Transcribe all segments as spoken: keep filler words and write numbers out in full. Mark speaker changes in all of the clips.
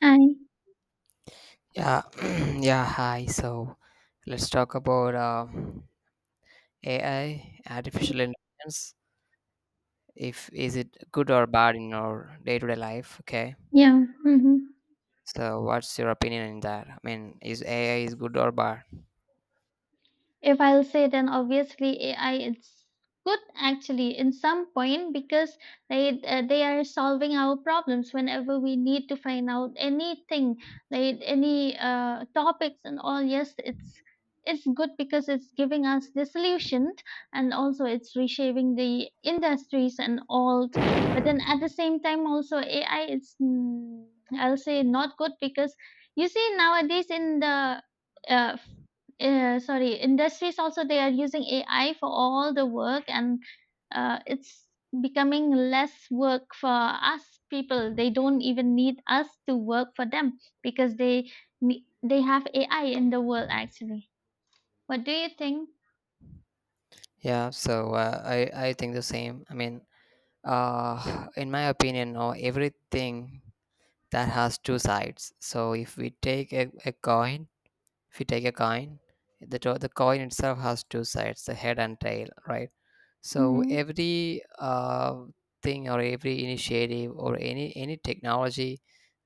Speaker 1: 哎
Speaker 2: Yeah, yeah. Hi. So let's talk about uh, A I, artificial intelligence. If is it good or bad in our day-to-day life? Okay.
Speaker 1: 呀，嗯哼。
Speaker 2: So what's your opinion in that? I mean, is A I is good or bad?
Speaker 1: If I'll say then obviously A I it's good actually in some point because they uh, they are solving our problems whenever we need to find out anything like any uh, topics and all. Yes, it's it's good because it's giving us the solution, and also it's reshaping the industries and all. But then at the same time also A I it's mm, I'll say not good because you see nowadays in the uh, uh, sorry, industries also they are using A I for all the work, and uh, it's becoming less work for us people. They don't even need us to work for them because they ne- they have A I in the world actually. What do you think?
Speaker 2: Yeah. So uh, I I think the same. I mean, uh, in my opinion, no, everything that has two sides. So if we take a, a coin, if you take a coin, the to- the coin itself has two sides, the head and tail, right? So
Speaker 1: Mhm.
Speaker 2: every uh, thing or every initiative or any any technology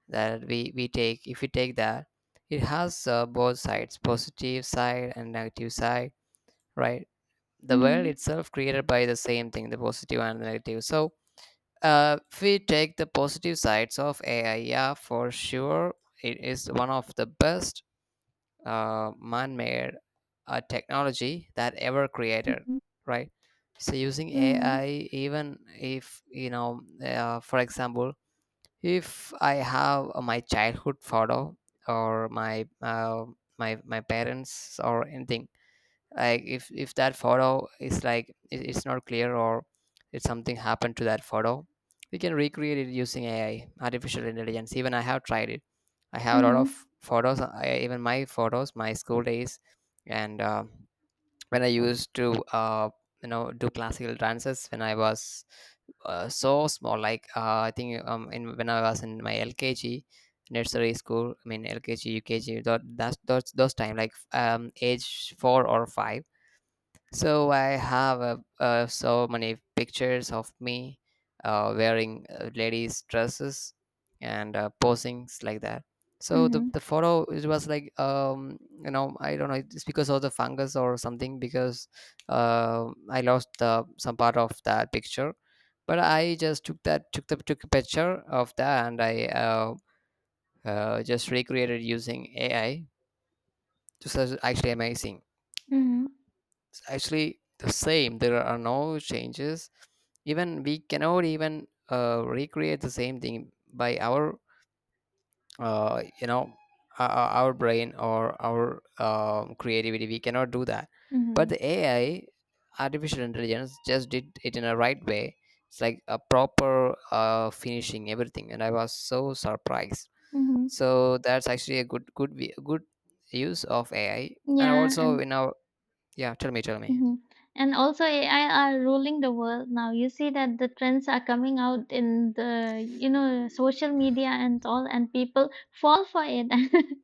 Speaker 2: that we we take, if we take that, it has uh, both sides, positive side and negative side, right? The world
Speaker 1: Mhm.
Speaker 2: itself created by the same thing, the positive and the negative. So uh, if we take the positive sides of AI, yeah, for sure it is one of the best uh, man-made uh, technology that ever created, right? So using
Speaker 1: Mhm.
Speaker 2: AI, even if you know uh, for example, if I have my childhood photo or my uh, my my parents or anything, like if if that photo is like it- it's not clear, or if something happened to that photo, we can recreate it using AI, artificial intelligence. Even I have tried it. I have a lot
Speaker 1: Mhm.
Speaker 2: of photos. I, even my photos, my school days, and uh, when I used to uh, you know, do classical dances when I was uh, so small, like uh, I think um, in when I was in my L K G, nursery school, I mean L K G, U K G, that that's those, those time, like um age four or five. So I have uh, uh, so many pictures of me uh, wearing uh, ladies' dresses and uh, posings like that.
Speaker 1: Mhm.
Speaker 2: So the,
Speaker 1: Mhm.
Speaker 2: the photo it was like um you know, I don't know, it's because of the fungus or something, because uh, I lost uh, some part of that picture, but I just took that, took the, took a picture of that, and I uh, uh, just recreated using A I. This is actually amazing.
Speaker 1: Mhm.
Speaker 2: It's actually the same. There are no changes. Even we cannot even uh, recreate the same thing by our uh, you know, our, our brain or our um, creativity. We cannot do that. But
Speaker 1: Mhm.
Speaker 2: the A I, artificial intelligence, just did it in a right way. It's like a proper uh, finishing everything, and I was so surprised.
Speaker 1: Mhm.
Speaker 2: So that's actually a good good vi- good use of A I, and
Speaker 1: Yeah,
Speaker 2: also
Speaker 1: and
Speaker 2: you know yeah. Tell me, tell me.
Speaker 1: mhm. And also A I are ruling the world now. You see that the trends are coming out in the, you know, social media and all, and people fall for it.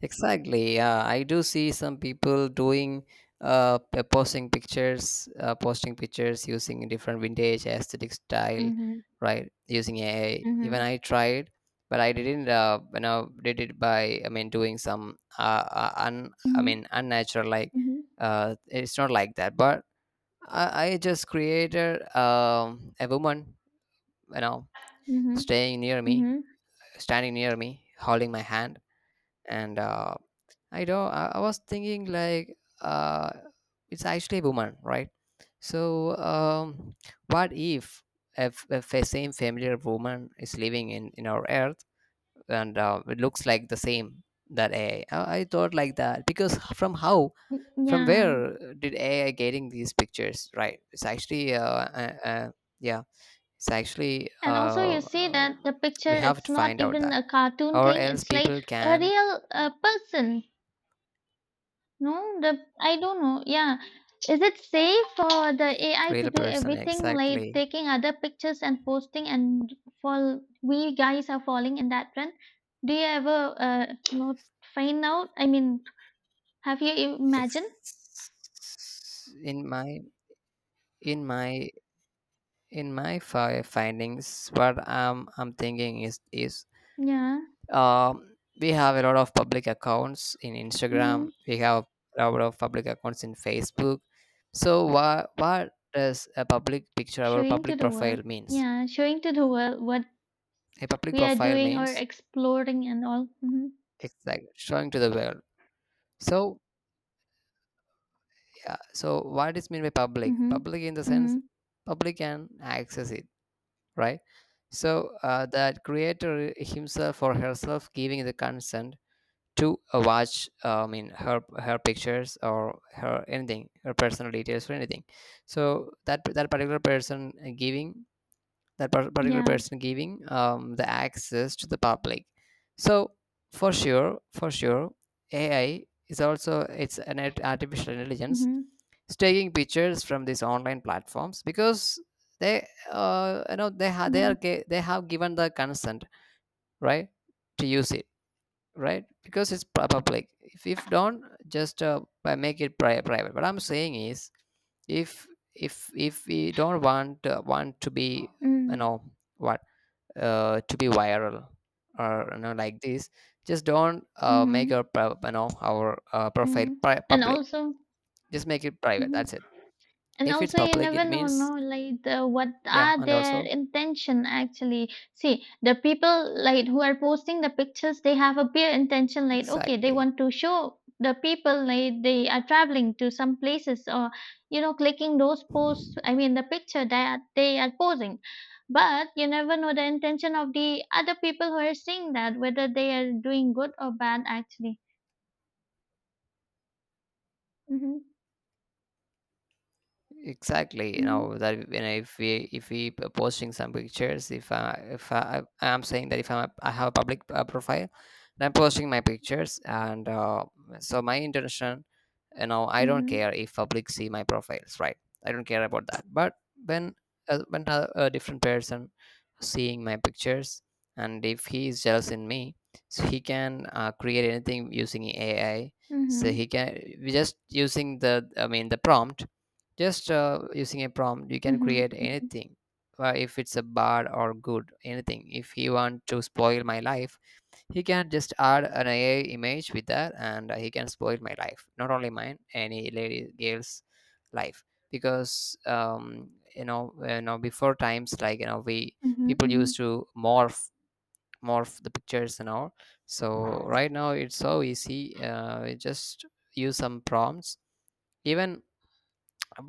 Speaker 2: Exactly. Yeah, I do see some people doing uh p- posting pictures, uh, posting pictures using different vintage aesthetic style,
Speaker 1: Mhm.
Speaker 2: right? Using A I. Even
Speaker 1: Mhm.
Speaker 2: I tried, but I didn't. Uh, you know, did it by, I mean, doing some uh, uh un, I
Speaker 1: Mhm.
Speaker 2: mean, unnatural, like
Speaker 1: Mhm.
Speaker 2: uh it's not like that. But I, I just created um a woman, you know,
Speaker 1: Mhm.
Speaker 2: staying near me,
Speaker 1: Mhm.
Speaker 2: standing near me, holding my hand, and uh I don't. I, I was thinking like uh, it's actually a woman, right? So um, what if if, if a same familiar woman is living in in our earth, and uh, it looks like the same, that A I? Thought like that because from how, from
Speaker 1: Yeah.
Speaker 2: where did A I getting these pictures? Right? It's actually uh, uh, uh yeah. It's actually
Speaker 1: And also
Speaker 2: uh,
Speaker 1: you see that
Speaker 2: um,
Speaker 1: the
Speaker 2: we
Speaker 1: picture,
Speaker 2: have
Speaker 1: it's
Speaker 2: to
Speaker 1: not
Speaker 2: find out
Speaker 1: even
Speaker 2: that,
Speaker 1: a cartoon
Speaker 2: or
Speaker 1: thing.
Speaker 2: else
Speaker 1: It's like
Speaker 2: people
Speaker 1: a
Speaker 2: can,
Speaker 1: real uh, person. No, the I don't know. Yeah. Is it safe for the A I to
Speaker 2: real
Speaker 1: do
Speaker 2: person,
Speaker 1: everything like
Speaker 2: exactly.
Speaker 1: taking other pictures and posting, and for we guys are falling in that trend? Do you ever uh you know find out? I mean, have you imagined?
Speaker 2: ex- in my in my in my fi- findings, what i'm i'm thinking is is
Speaker 1: Yeah.
Speaker 2: um we have a lot of public accounts in
Speaker 1: Mm-hmm.
Speaker 2: Instagram. We have a lot of public accounts in Facebook. So what what does a public picture or
Speaker 1: Showing to
Speaker 2: public
Speaker 1: the
Speaker 2: profile
Speaker 1: world.
Speaker 2: means,
Speaker 1: Yeah, showing to the world what
Speaker 2: a public
Speaker 1: we are
Speaker 2: profile
Speaker 1: doing or
Speaker 2: means
Speaker 1: exploring and all. Mm-hmm.
Speaker 2: it's like showing to the world. So yeah, so what is mean by public,
Speaker 1: Mm-hmm.
Speaker 2: public in the sense,
Speaker 1: Mm-hmm.
Speaker 2: public can access it, right? So uh, that creator himself or herself giving the consent to uh, watch, uh, I mean, her her pictures or her anything, her personal details or anything. So that, that particular person giving that par- particular
Speaker 1: Yeah.
Speaker 2: person giving um, the access to the public. So for sure for sure AI is also, it's an art- artificial intelligence.
Speaker 1: Mm-hmm.
Speaker 2: It's taking pictures from these online platforms because they uh, you know, they have, they are
Speaker 1: Yeah.
Speaker 2: gi- they have given the consent, right, to use it, right, because it's pu- public. if if don't, just uh, by make it pri- private, what I'm saying is, if if if we don't want uh, want to be, you
Speaker 1: Mm-hmm.
Speaker 2: know, what uh, to be viral, or you know, like this, just don't uh, make
Speaker 1: Mm-hmm.
Speaker 2: our pro- you know, our uh, profile
Speaker 1: Mm-hmm.
Speaker 2: pri-
Speaker 1: And
Speaker 2: public.
Speaker 1: also,
Speaker 2: Just make it private, that's
Speaker 1: mhm.
Speaker 2: it.
Speaker 1: And
Speaker 2: If it's
Speaker 1: also, you
Speaker 2: public,
Speaker 1: never
Speaker 2: it
Speaker 1: know,
Speaker 2: means,
Speaker 1: no, like the, what
Speaker 2: yeah,
Speaker 1: are
Speaker 2: and
Speaker 1: their
Speaker 2: also,
Speaker 1: intention actually. See, the people like who are posting the pictures, they have a pure intention, like okay, they
Speaker 2: exactly.
Speaker 1: want to show the people like they are traveling to some places or you know clicking those posts. I mean, the picture that they are posing. But you never know the intention of the other people who are seeing that, whether they are doing good or bad actually. Mm-hmm.
Speaker 2: Exactly, you
Speaker 1: Mm-hmm.
Speaker 2: know that, you know, if we if we p- posting some pictures, if I, if I I'm saying that if I'm a, I have a public uh, profile, then I'm posting my pictures, and uh, so my intention, you know, I don't care if public see my profiles, right? I don't care about that. But when uh, when a, a different person seeing my pictures, and if he is jealous in me, so he can uh, create anything using A I.
Speaker 1: Mm-hmm.
Speaker 2: So he
Speaker 1: Mm-hmm.
Speaker 2: can, we just using the, I mean the prompt, just uh, using a prompt, you can
Speaker 1: Mm-hmm.
Speaker 2: create
Speaker 1: Mm-hmm.
Speaker 2: anything. Uh, if it's a bad or good, anything. If he want to spoil my life, he can just add an A I image with that, and uh, he can spoil my life. Not only mine, any lady girl's life. Because um, you know, you know, before times, like you know, we
Speaker 1: Mm-hmm.
Speaker 2: people
Speaker 1: Mm-hmm.
Speaker 2: used to morph morph the pictures and all. So right now it's so easy. Uh, we just use some prompts. Even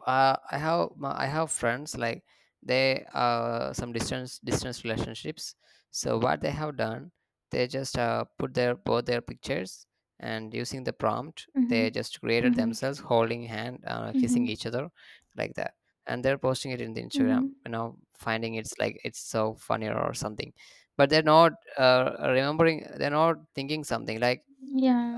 Speaker 2: uh, I have my- I have friends like they uh some distance distance relationships. So what they have done, they just uh, put their both their pictures, and using the prompt, they
Speaker 1: Mhm.
Speaker 2: just created
Speaker 1: Mhm.
Speaker 2: themselves holding hand, uh, kissing
Speaker 1: Mhm.
Speaker 2: each other, like that. And they're posting it in the Instagram,
Speaker 1: Mhm.
Speaker 2: you know, finding it's like it's so funny or something. But they're not uh, remembering, they're not thinking something like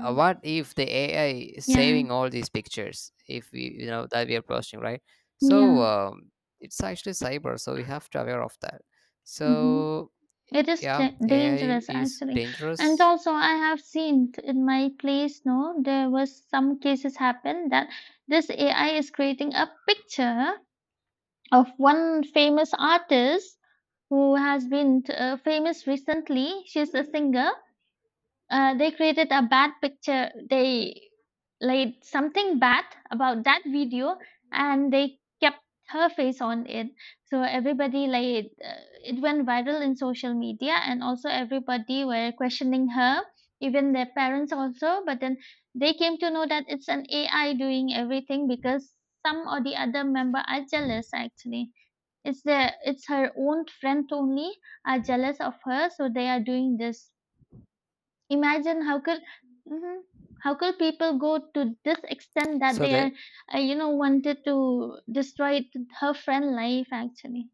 Speaker 2: uh, what if the A I is
Speaker 1: Yeah.
Speaker 2: saving all these pictures if we, you know, that we are posting, right? So
Speaker 1: Yeah.
Speaker 2: um, it's actually cyber, so we have to aware of that.
Speaker 1: Mhm.
Speaker 2: So
Speaker 1: It is
Speaker 2: yeah,
Speaker 1: da-
Speaker 2: A I
Speaker 1: dangerous
Speaker 2: is
Speaker 1: actually. And
Speaker 2: dangerous.
Speaker 1: also I have seen t- in my place, no, there was some cases happen that this A I is creating a picture of one famous artist who has been uh, famous recently. She's a singer. Uh, they created a bad picture. They laid something bad about that video, and they kept her face on it. So everybody like uh, it went viral in social media, and also everybody were questioning her, even their parents also. But then they came to know that it's an A I doing everything because some or the other member are jealous. Actually, it's the it's her own friend only are jealous of her, so they are doing this. Imagine how could mhm, how could people go to this extent that
Speaker 2: So
Speaker 1: they
Speaker 2: that,
Speaker 1: are, uh, you know, wanted to destroy her friend life actually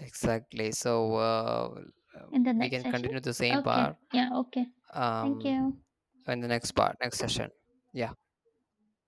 Speaker 2: exactly. So uh, um,
Speaker 1: in the
Speaker 2: we
Speaker 1: next
Speaker 2: can
Speaker 1: session.
Speaker 2: continue the same
Speaker 1: Okay,
Speaker 2: part
Speaker 1: yeah, okay. Thank
Speaker 2: um
Speaker 1: you.
Speaker 2: in the next part, next session. Yeah,